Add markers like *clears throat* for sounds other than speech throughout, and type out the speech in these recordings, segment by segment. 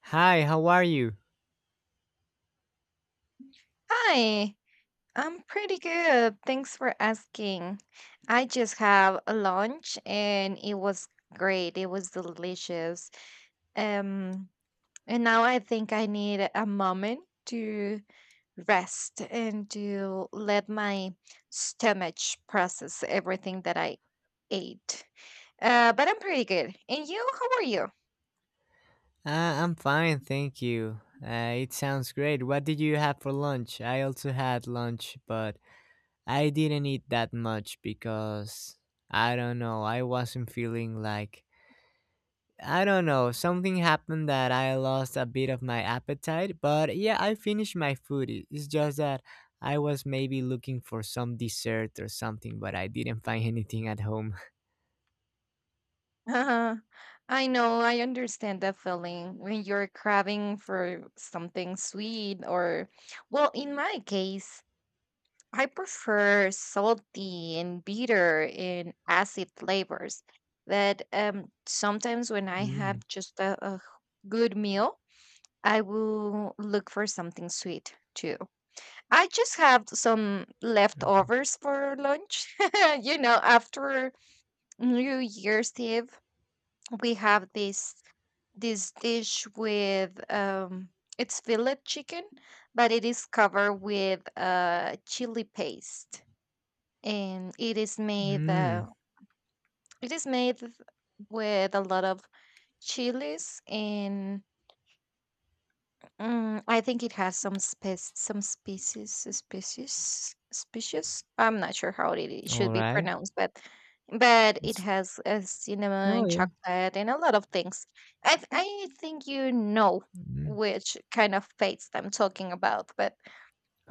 Hi, how are you? Hi, I'm pretty good. Thanks for asking. I just have a lunch and it was great. It was delicious. Um, and now I think I need a moment to rest and to let my stomach process everything that I ate. But I'm pretty good. And you, how are you? I'm fine, thank you. It sounds great. What did you have for lunch? I also had lunch, but I didn't eat that much because I don't know, I wasn't feeling like I don't know, something happened that I lost a bit of my appetite, but yeah, I finished my food. It's just that I was maybe looking for some dessert or something, but I didn't find *laughs* anything at home. Uh-huh. I know, I understand that feeling when you're craving for something sweet or, well, in my case, I prefer salty and bitter and acid flavors. That sometimes when *laughs* I have Mm. just a good meal, I will look for something sweet too. I just have some leftovers for lunch. *laughs* You know, after New Year's Eve, we have this dish with it's fillet chicken, but it is covered with chili paste, and Mm. It is made with a lot of chilies, and I think it has some spe some species. I'm not sure how it All should be right. pronounced, but it It's, has no, cinnamon, yeah. chocolate, and a lot of things. I think you know Mm. which kind of fates I'm talking about, but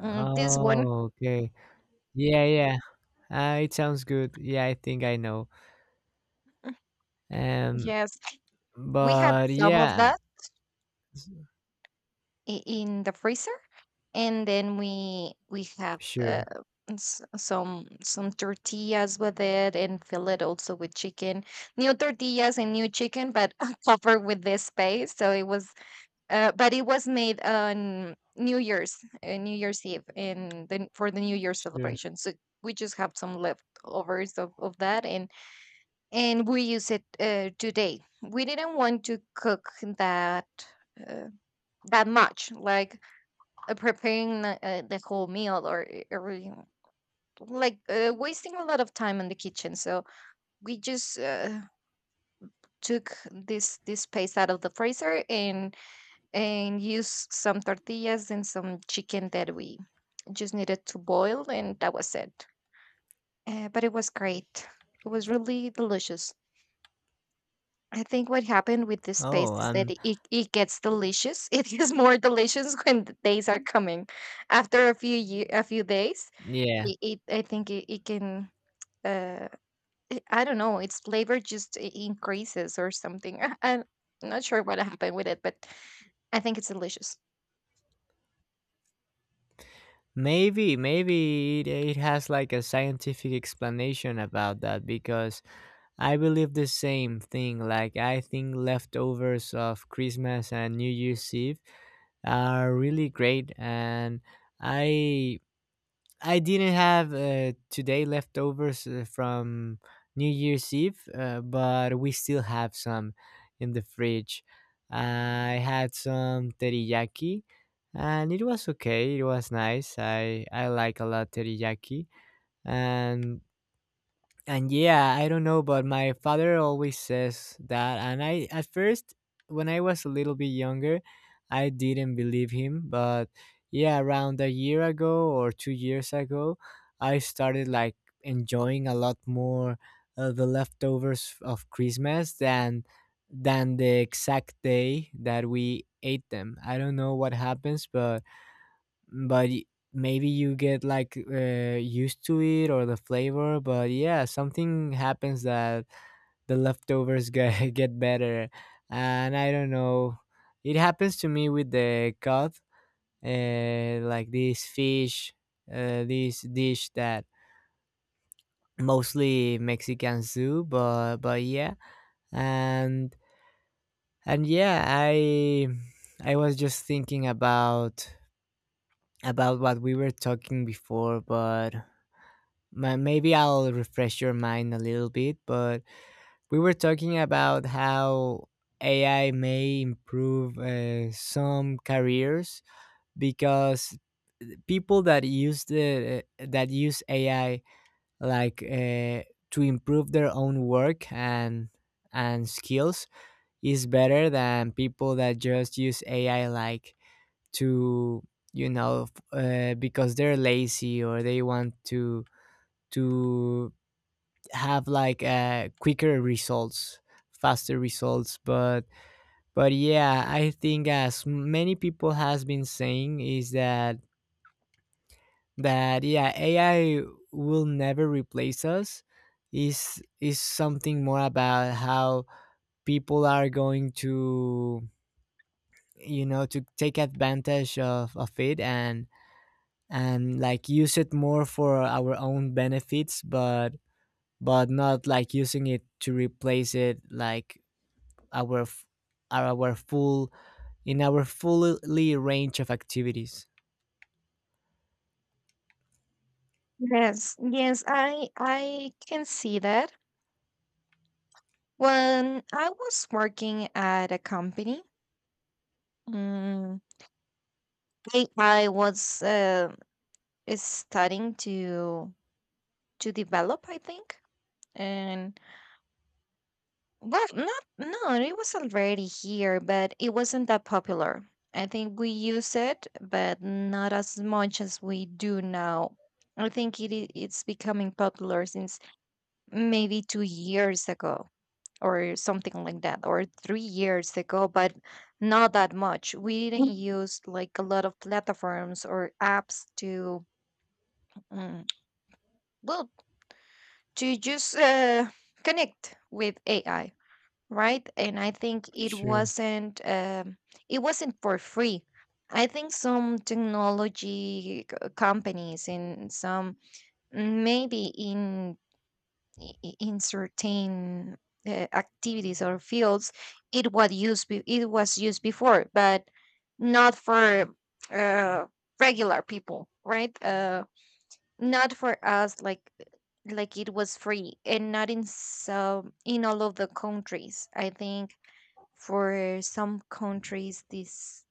this one, okay. Yeah, yeah. It sounds good. Yeah, I think I know. Um, yes, we had but some of yeah, that. s- In the freezer, and then we have sure, some tortillas with it, and fill it also with chicken, new tortillas and new chicken, but *laughs* covered with this paste, so it was but it was made on new year's New Year's Eve, and then for the new year sure. celebration, so we just have some leftovers of that, and we use it today we didn't want to cook that uh, that much, like preparing the whole meal, or every, like wasting a lot of time in the kitchen, so we just took this paste out of the freezer, and used some tortillas and some chicken that we just needed to boil, and that was it. But it was great, it was really delicious. I think what happened with this Oh, paste is that it gets delicious. *laughs* It gets more delicious when the days are coming. After a few days, yeah. it can uh I don't know, its flavor just increases or something. *laughs* Am not sure what happened with it, but I think it's delicious. Maybe it has like a scientific explanation about that, because I believe the same thing. Like, I think leftovers of Christmas and New Year's Eve are really great, and I I didn't have today leftovers from New Year's Eve, but we still have some in the fridge. I had some teriyaki, and it was okay. It was nice. I like a lot teriyaki, and and yeah, I don't know, but my father always says that. And I, at first, when I was a little bit younger, I didn't believe him. But yeah, around a year ago or 2 years ago, I started like enjoying a lot more the leftovers of Christmas than the exact day that we ate them. I don't know what happens, but but y- maybe you get like used to it, or the flavor, but yeah, something happens that the leftovers get, *laughs* get better, and I don't know, it happens to me with the cod, like this fish, this dish that mostly Mexicans do, but yeah, and and yeah, I was just thinking about what we were talking before, but maybe I'll refresh your mind a little bit, but we were talking about how AI may improve some careers, because people that use the that use AI like, to improve their own work and skills is better than people that just use AI like to because they're lazy or they want to have like quicker results, faster results, but but yeah, I think, as many people has been saying, is that that yeah, AI will never replace us. Is something more about how people are going to, you know, to take advantage of it, and like use it more for our own benefits, but not like using it to replace it like our are our full in our fully range of activities. Yes, yes, I can see that. When I was working at a company, mm, I was studying to develop, I think. And well, not no, it was already here, but it wasn't that popular. I think we use it, but not as much as we do now. I think it's becoming popular since maybe 2 years ago, or something like that, or 3 years ago, but not that much. We didn't use like a lot of platforms or apps to, mm, well, to just connect with AI, right? And I think Sure. It wasn't for free. I think some technology companies and some maybe in in certain activities or fields, it was used it was used before, but not for uh, regular people, right? Not for us, like it was free, and not in some in all of the countries. I think for some countries, this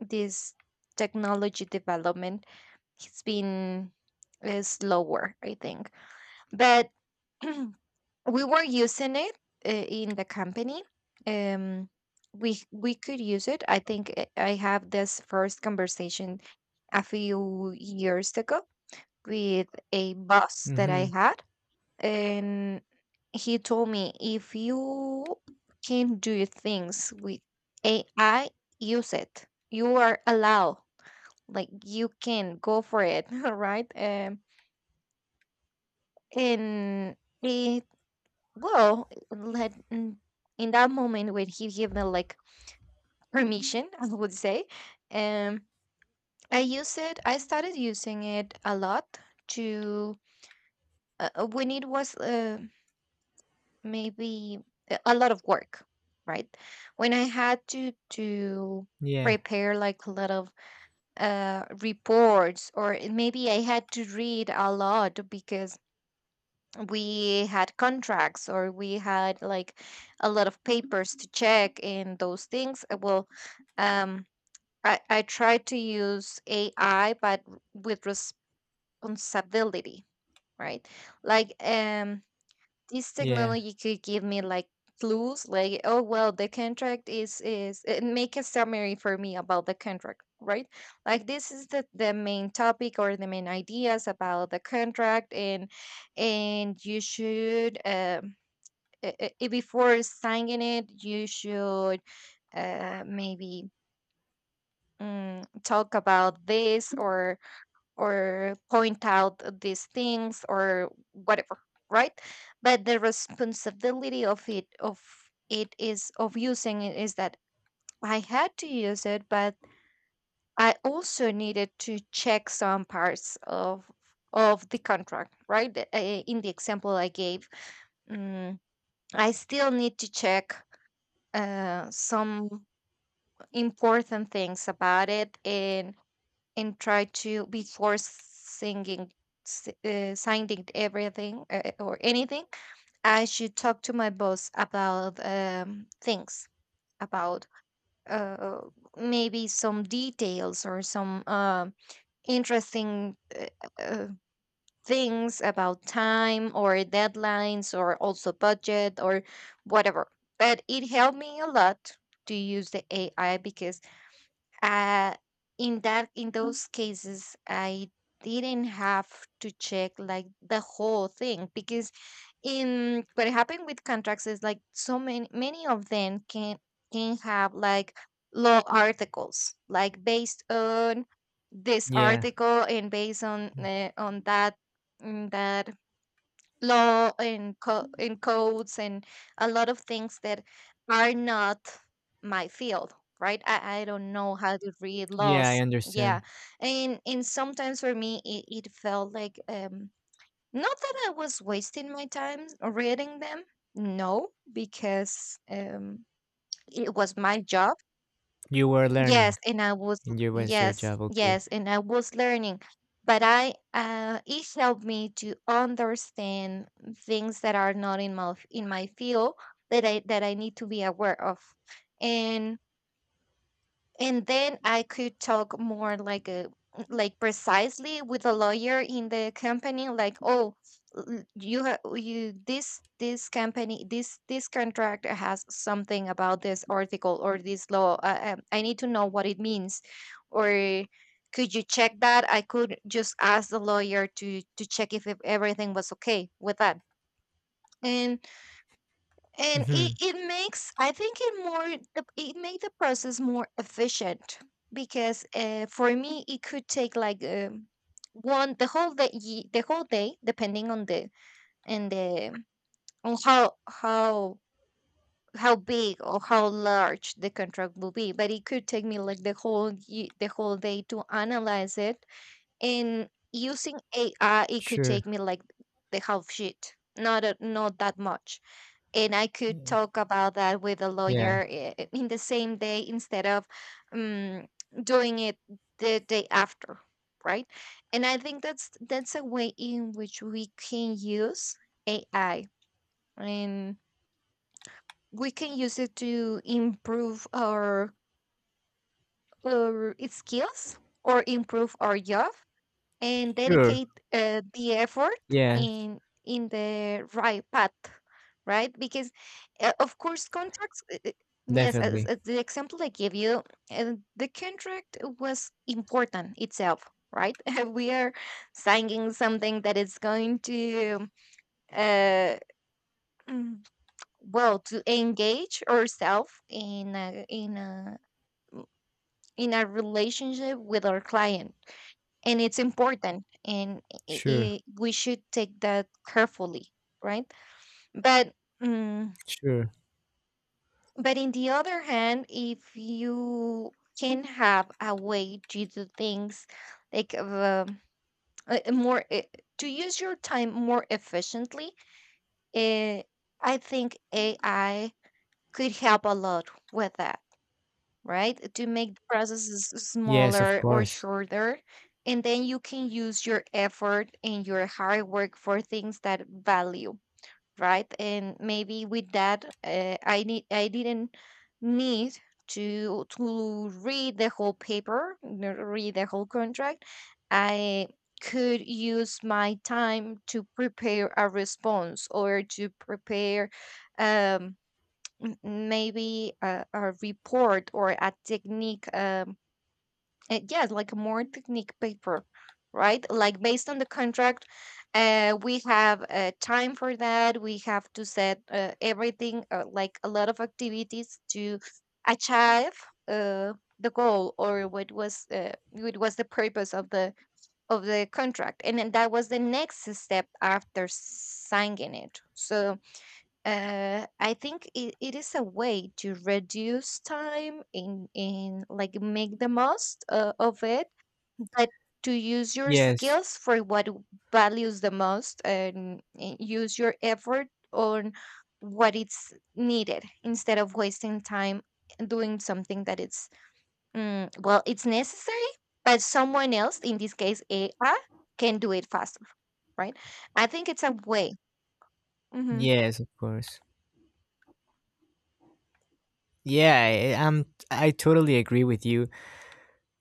this technology development has been slower, I think. But *clears throat* we were using it in the company. Um, we could use it. I think I have this first conversation a few years ago with a boss that I Mm-hmm. had, and he told me, if you can do things with AI, use it. You are allowed, like you can go for it, *laughs* right? And it well, let in that moment when he gave me like permission, *laughs* I would say, um, I use it. I started using it a lot to when it was maybe a lot of work, right, when I had to Yeah. prepare like a lot of reports, or maybe I had to read a lot because we had contracts, or we had like a lot of papers to check, and those things. Well, um I try to use ai, but with responsibility, right? Like this Yeah. technology could give me like clues, like, oh well, the contract is make a summary for me about the contract, right? Like, this is the main topic or the main ideas about the contract, and you should before signing it, you should maybe talk about this, or point out these things, or whatever, right? But the responsibility of it is of using it is that I had to use it, but I also needed to check some parts of the contract, right? In the example I gave, mm, I still need to check some important things about it, and try to before singing signing everything or anything, I should talk to my boss about things about uh, maybe some details or some interesting uh, things about time or deadlines, or also budget or whatever. But it helped me a lot to use the AI, because uh, in that in those cases, I didn't have to check like the whole thing, because in what happened with contracts is like so many many of them can have like law articles, like based on this Yeah. article, and based on that that law, and and codes, and a lot of things that are not my field, right? I don't know how to read Yeah. I laws. understand. Yeah, and sometimes for me it felt like, not that I was wasting my time reading them, no, because it was my job. You were Yes, learning, and I was, and you was your yes, job. Okay. yes, and I was learning, but I it helped me to understand things that are not in my in my field, that I need to be aware of, and and then I could talk more like a like precisely with a lawyer in the company, like, oh, you have you this this company this this contract has something about this article or this law, I need to know what it means, or could you check that? I could just ask the lawyer to check if everything was okay with that. and and Mm-hmm. It makes, I think it more, it made the process more efficient, because for me, it could take like the whole day, the whole day, depending on and the, on how big or how large the contract will be. But it could take me like the whole, the whole day to analyze it. And using AI, it could Sure. take me like the half sheet, not that much, and I could talk about that with a Yeah. lawyer in the same day instead of um, doing it the day after, right? And I think that's a way in which we can use AI, and we can use it to improve our skills, or improve our job, and Sure. dedicate the effort Yes. in in the right path, right? Because of course contracts, yes, Definitely. as the example I gave you, the contract was important itself, right? *laughs* We are signing something that is going to uh, mm, well, to engage ourselves in a, in a in a relationship with our client, and it's important, and i Sure. i we should take that carefully, right? But mm, Sure. but in the other hand, if you can have a way to do things like more to use your time more efficiently, uh, I think AI could help a lot with that, right? To make the processes Yes. Of smaller or course. shorter. And then you can use your effort and your hard work for things that value, right? And maybe with that, I didn't need to read the whole paper, read the whole contract. I could use my time to prepare a response or to prepare um, m- maybe a report or a technique yes, like a more technique paper, right, like based on the contract. We have time for that. We have to set everything, like a lot of activities to achieve uh the goal, or what was the purpose of the contract, and then that was the next step after signing it. So I think it is a way to reduce time in like make the most of it, but to use your Yes. skills for what values the most, and use your effort on what it's needed, instead of wasting time doing something that it's well, it's necessary, but someone else, in this case AI, can do it faster, right? I think it's a way. Mm-hmm. Yes. Of course. Yeah. I, I'm. I totally agree with you.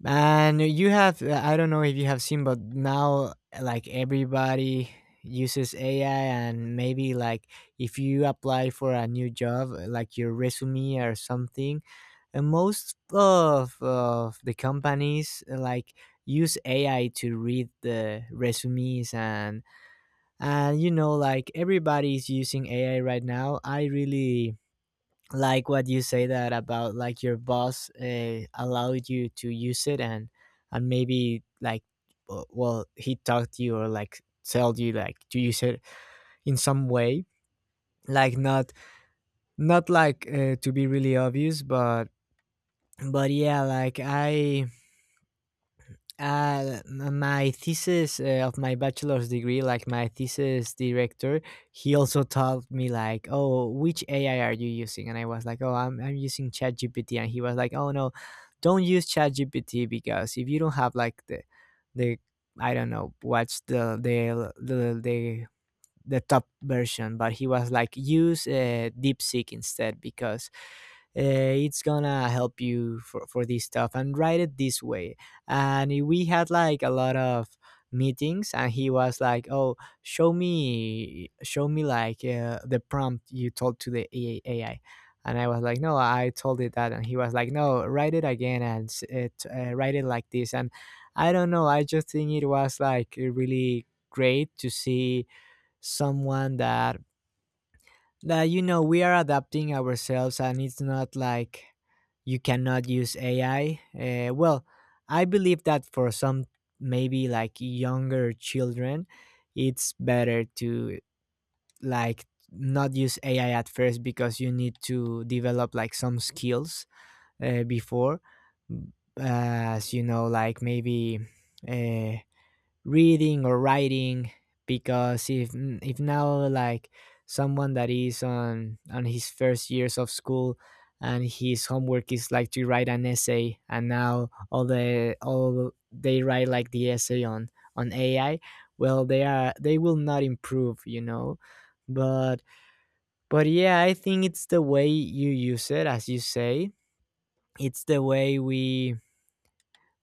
And you have, I don't know if you have seen, but now like everybody uses AI, and maybe like if you apply for a new job, like your resume or something, and most of the companies like use AI to read the resumes, and you know, like everybody is using AI right now. I really like what you say, that about like your boss allowed you to use it, and maybe like, well he taught you, or like tell you like to use it in some way, like not like, to be really obvious, but but yeah, like my thesis of my bachelor's degree, like my thesis director, he also told me like, oh which ai are you using, and I was like, oh I'm using ChatGPT. And he was like, oh no, don't use ChatGPT, because if you don't have like the, I don't know what's the top version, but he was like use, deepseek instead, because uh, it's gonna help you for this stuff, and write it this way. And we had like a lot of meetings, and he was like, oh, show me, like, the prompt you told to the AI, and I was like, no, I told it that, and he was like, no, write it again, and write it like this. And I don't know, I just think it was like really great to see someone that that we are adapting ourselves, and it's not like you cannot use AI. Well, I believe that for some, maybe like younger children, it's better to like not use AI at first, because you need to develop like some skills before, as you know, like maybe uh, reading or writing, because if now like someone that is on his first years of school, and his homework is like to write an essay, and now all they write like the essay on AI, well they will not improve, you know, but but yeah, I think it's the way you use it, as you say, it's the way we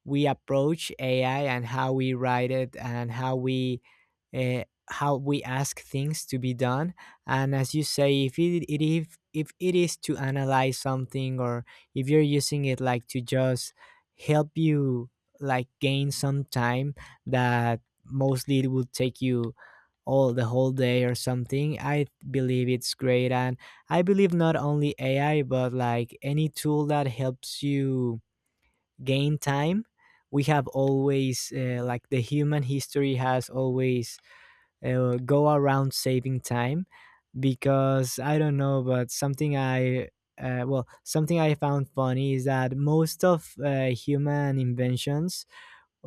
we approach AI, and how we write it, and how uh, we ask things to be done. And as you say, if it, it if it is to analyze something, or if you're using it like to just help you, like gain some time that mostly it would take you all the whole day or something, I believe it's great. And I believe not only AI, but like any tool that helps you gain time, we have always, like the human history has always, go around saving time, because I don't know, but something I found funny is that most of human inventions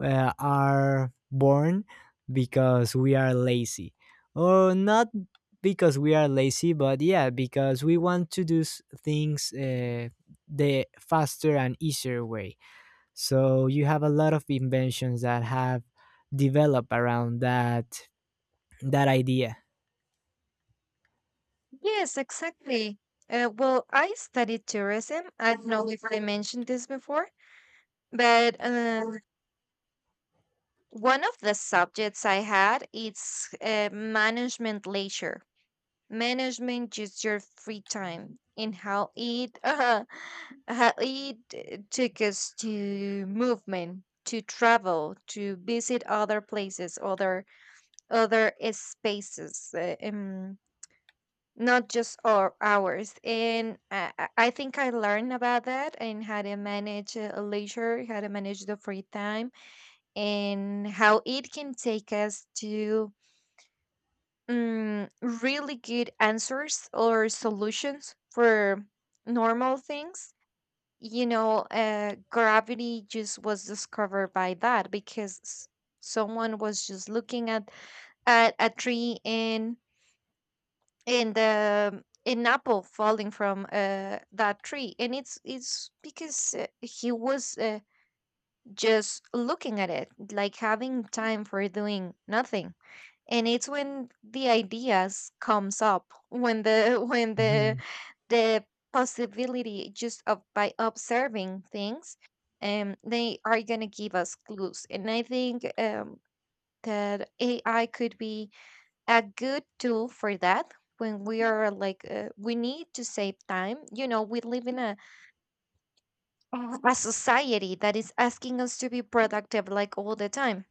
are born because we are lazy, or not because we are lazy, but yeah, because we want to do things the faster and easier way. So you have a lot of inventions that have developed around that idea. Yes, exactly. Well, I studied tourism. I don't know if I mentioned this before, but one of the subjects I had is management leisure. Management just your free time and how it *laughs* how it took us to movement, to travel, to visit other places, other spaces. Not just our hours. And I think I learned about that, and how to manage leisure, how to manage the free time and how it can take us to really good answers or solutions for normal things, you know. Gravity just was discovered by that, because someone was just looking at a tree, and an apple falling from that tree. And it's because he was just looking at it, like having time for doing nothing. And it's when the ideas comes up, when the *laughs* when the Hmm. the possibility, just of by observing things, they are gonna give us clues. And I think that ai could be a good tool for that, when we are like we need to save time. You know, we live in a society that is asking us to be productive, like all the time,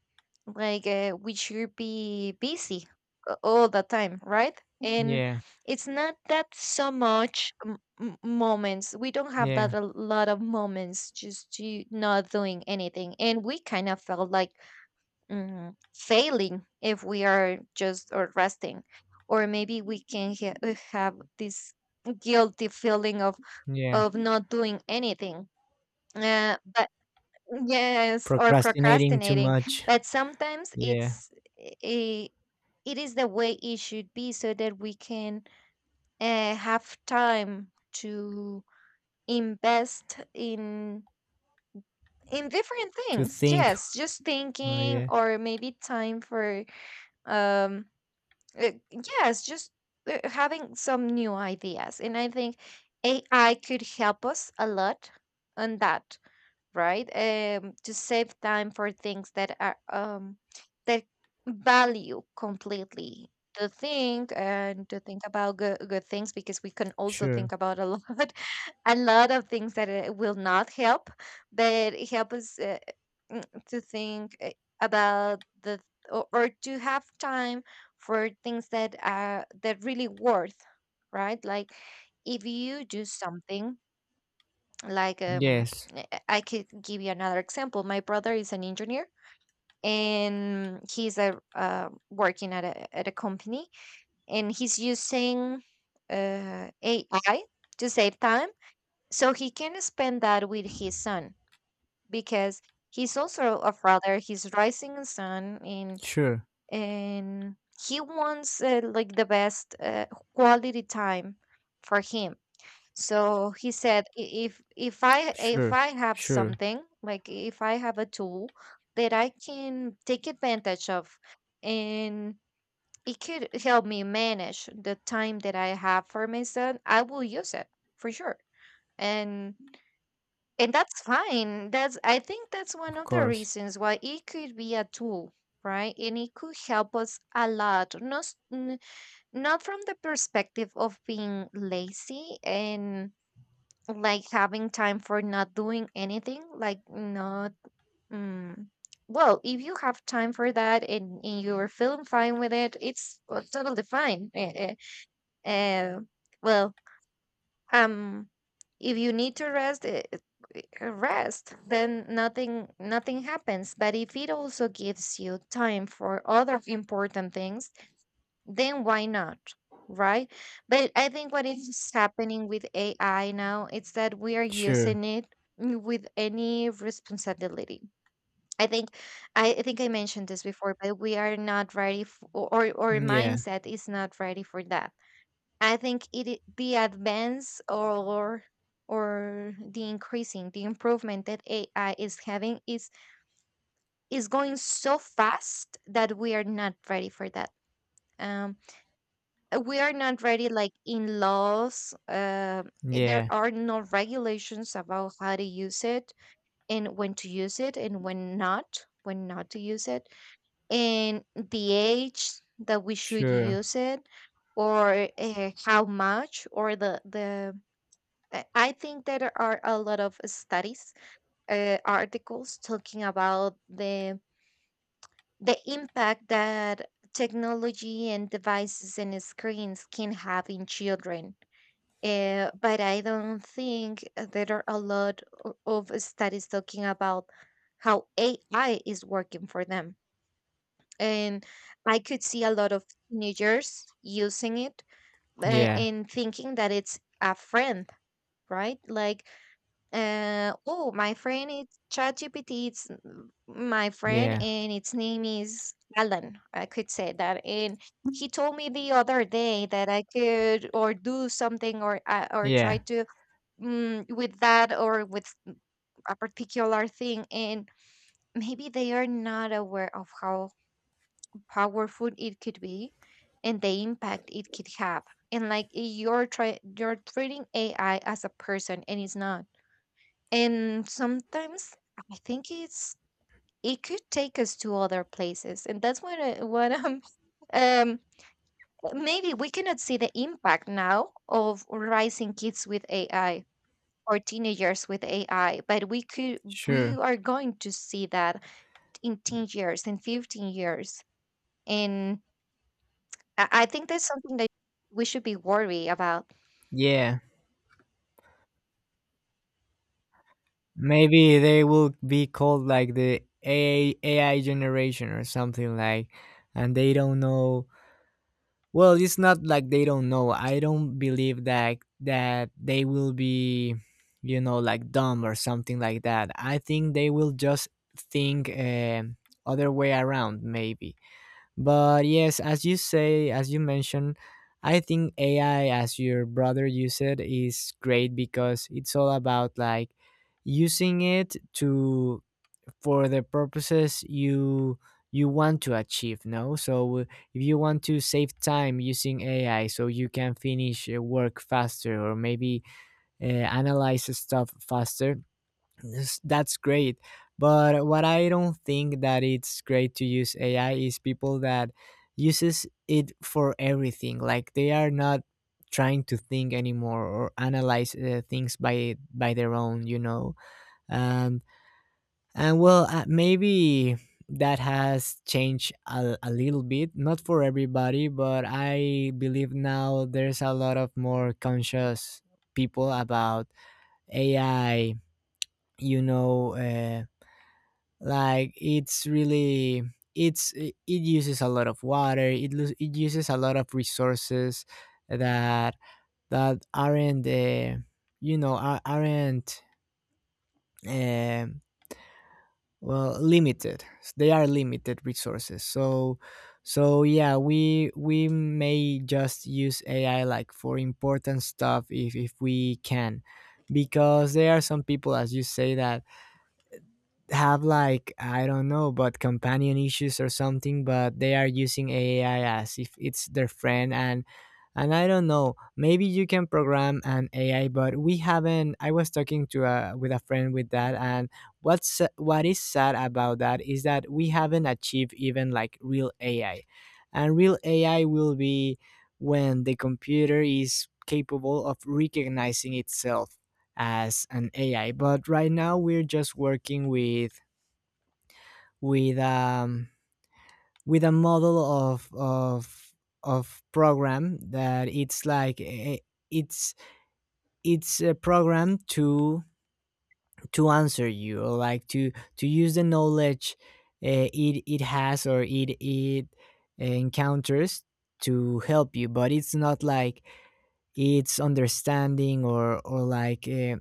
like we should be busy all the time, right? And Yeah, it's not that so much moments, we don't have yeah, that, a lot of moments just to not doing anything, and we kind of felt like mm, failing if we are just or resting, or maybe we can have this guilty feeling yeah. of not doing anything. But yes, or Procrastinating too procrastinating. much. But sometimes Yeah, it's i- it is the way it should be, so that we can have time to invest in different to things. think. Yes, just Oh thinking yeah, or maybe time for um yes, just having some new ideas. And I think AI could help us a lot on that, right? To save time for things that are that value completely, to think and to think about good, good things, because we can also sure. think about a lot *laughs* a lot of things that will not help, but it help us to think about the or to have time for things that are that really worth, right, like if you do something like um, Yes, I could give you another example. My brother is an engineer, and he's a working at a company, and he's using ai to save time, so he can spend that with his son, because he's also a father, he's raising a son. and sure, and he wants like the best quality time for him. So he said, "I- "if if I if sure, I have sure. something, like if I have a tool that I can take advantage of, and it could help me manage the time that I have for my son, I will use it for sure. And and that's fine." That's, I think that's one Of of the course, reasons why it could be a tool, right? And it could help us a lot. Not not from the perspective of being lazy and like having time for not doing anything, like not mm, well, if you have time for that, and you're feeling fine with it, it's totally fine. Eh, uh, well, um if you need to rest, rest, then nothing nothing happens, but if it also gives you time for other important things, then why not? Right? But I think what is happening with AI now is that we are sure. using it mm, with any responsibility. I think I think I mentioned this before, but we are not ready f or our Yeah, mindset is not ready for that. I think the advance or the increasing the improvement that AI is having is going so fast that we are not ready for that. Um, we are not ready, like in laws, there yeah, are no regulations about how to use it, and when to use it, and when not to use it, and the age that we should sure. use it, or how much, or the I think that there are a lot of studies, articles talking about the impact that technology and devices and screens can have in children, but I don't think there are a lot of studies talking about how AI is working for them. And I could see a lot of teenagers using it, Yeah, and thinking that it's a friend, right? Like, oh, my friend is ChatGPT, it's my friend, yeah, and its name is Alan. I could say that. And he told me the other day that I could or do something, or try yeah, to mm, with that or with a particular thing. And maybe they are not aware of how powerful it could be, and the impact it could have. And like you're try you're treating ai as a person, and it's not. And sometimes I think it's it could take us to other places. And that's what I'm *laughs* um maybe we cannot see the impact now of raising kids with ai or teenagers with AI, but we could we sure. are going to see that in 10 years, in 15 years. And I think that's something that we should be worried about. Yeah. Maybe they will be called like the AI, AI generation or something like, and they don't know. Well, it's not like they don't know. I don't believe that they will be, you know, like dumb or something like that. I think they will just think, other way around, maybe. But yes, as you say, as you mentioned, I think AI, as your brother used it, is great, because it's all about like using it to for the purposes you want to achieve. No, so if you want to save time using AI, so you can finish, work faster, or maybe analyze stuff faster, yes, that's great. But what I don't think that it's great to use AI is people that uses it for everything. Like they are not trying to think anymore or analyze things by their own, you know. Um, and well, maybe that has changed a little bit, not for everybody, but I believe now there's a lot of more conscious people about AI. You know. Like it's really it uses a lot of water, it uses a lot of resources that that aren't, aren't, um well, limited. They are limited resources, so yeah, we may just use AI like for important stuff, if we can. Because there are some people, as you say, that have like, I don't know, but companion issues or something, but they are using AI as if it's their friend, and I don't know. Maybe you can program an AI, but we haven't. I was talking to a with a friend with that, and what is sad about that is that we haven't achieved even like real AI, and real AI will be when the computer is capable of recognizing itself as an AI. But right now we're just working with um with a model of program that it's like, it's it's a program to answer you, or like to use the knowledge it has, or it encounters to help you, but it's not like it's understanding, or like,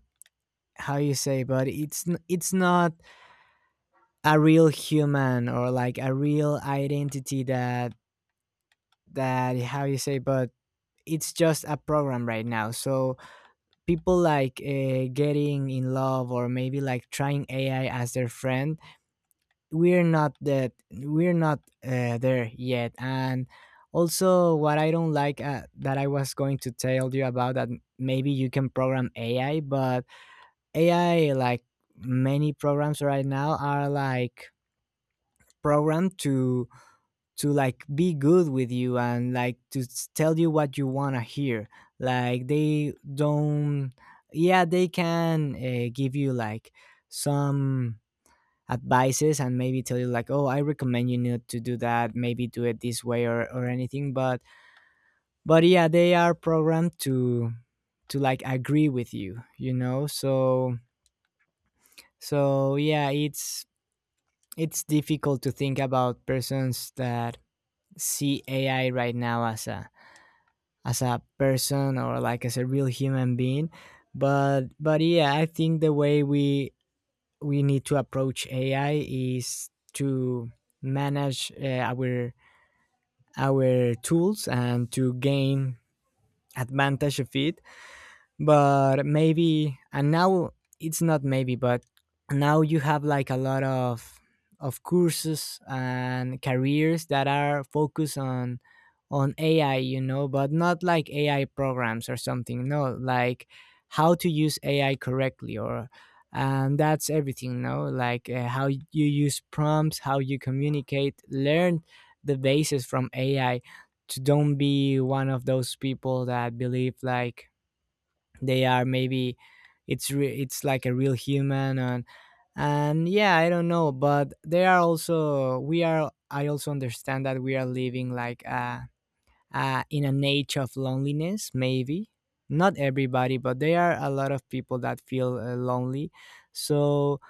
how you say, but it's not a real human, or like a real identity, that how you say, but it's just a program right now. So people like, getting in love, or maybe like trying AI as their friend, we're not, there yet. And also what I don't like, that I was going to tell you about that, maybe you can program AI, but AI, like many programs right now, are like programmed to like be good with you, and like to tell you what you want to hear. Like they don't, yeah, they can, give you like some advices, and maybe tell you like, oh, I recommend you not to do that, maybe do it this way, or anything. But but yeah, they are programmed to like agree with you, you know, so yeah, it's difficult to think about persons that see AI right now as a person, or like as a real human being. But but yeah, I think the way we need to approach AI is to manage, our tools, and to gain advantage of it. But maybe, and now, it's not maybe, but now you have like a lot of courses and careers that are focused on AI, you know, but not like AI programs or something, no, like, how to use AI correctly or and that's everything no like how you use prompts, how you communicate, learn the basis from AI, to don't be one of those people that believe like they are, maybe, it's like a real human. And yeah, I don't know, but they are also we are I also understand that we are living like a in an age of loneliness, maybe. Not everybody, but there are a lot of people that feel, lonely, so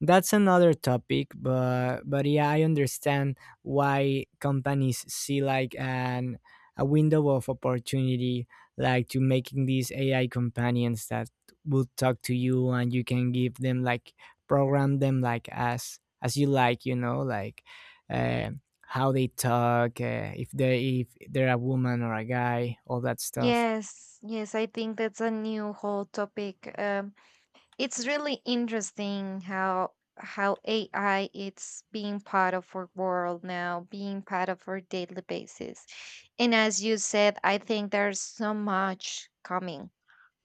that's another topic. But but yeah, I understand why companies see like an a window of opportunity, like to making these AI companions that will talk to you, and you can give them like, program them like as you like, you know, like, uh, how they talk, if they if they're a woman or a guy, all that stuff. Yes, yes, I think that's a new whole topic. It's really interesting how AI it's being part of our world now, being part of our daily basis. And as you said, I think there's so much coming,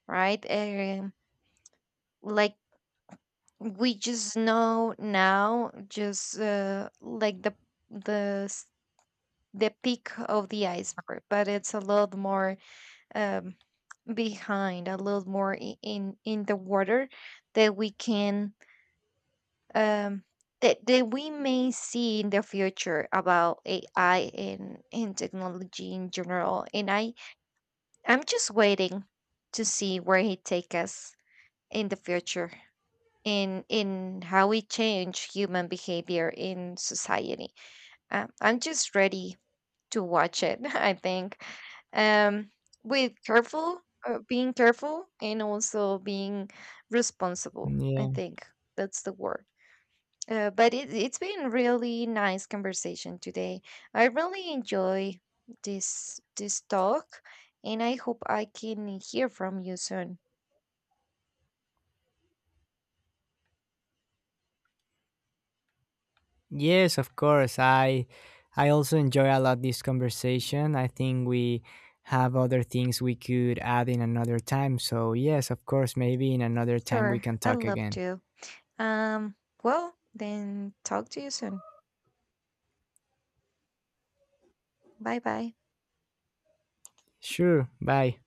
right? Like we just know now, just like the the s- the peak of the iceberg, but it's a lot more um, behind, a little more in the water, that we can um that, that we may see in the future about AI and technology in general. And I, I'm just waiting to see where he take us in the future, in how we change human behavior in society. I'm just ready to watch it. *laughs* I think um, with careful, being careful, and also being responsible. Mm, I yeah. think that's the word. But it's been really nice conversation today. I really enjoy this talk, and I hope I can hear from you soon. Yes, of course. I also enjoy a lot this conversation. I think we have other things we could add in another time. So yes, of course, maybe in another time we Sure, can I'd talk love again. to. Um, well, then talk to you soon. Bye bye. Sure. Bye.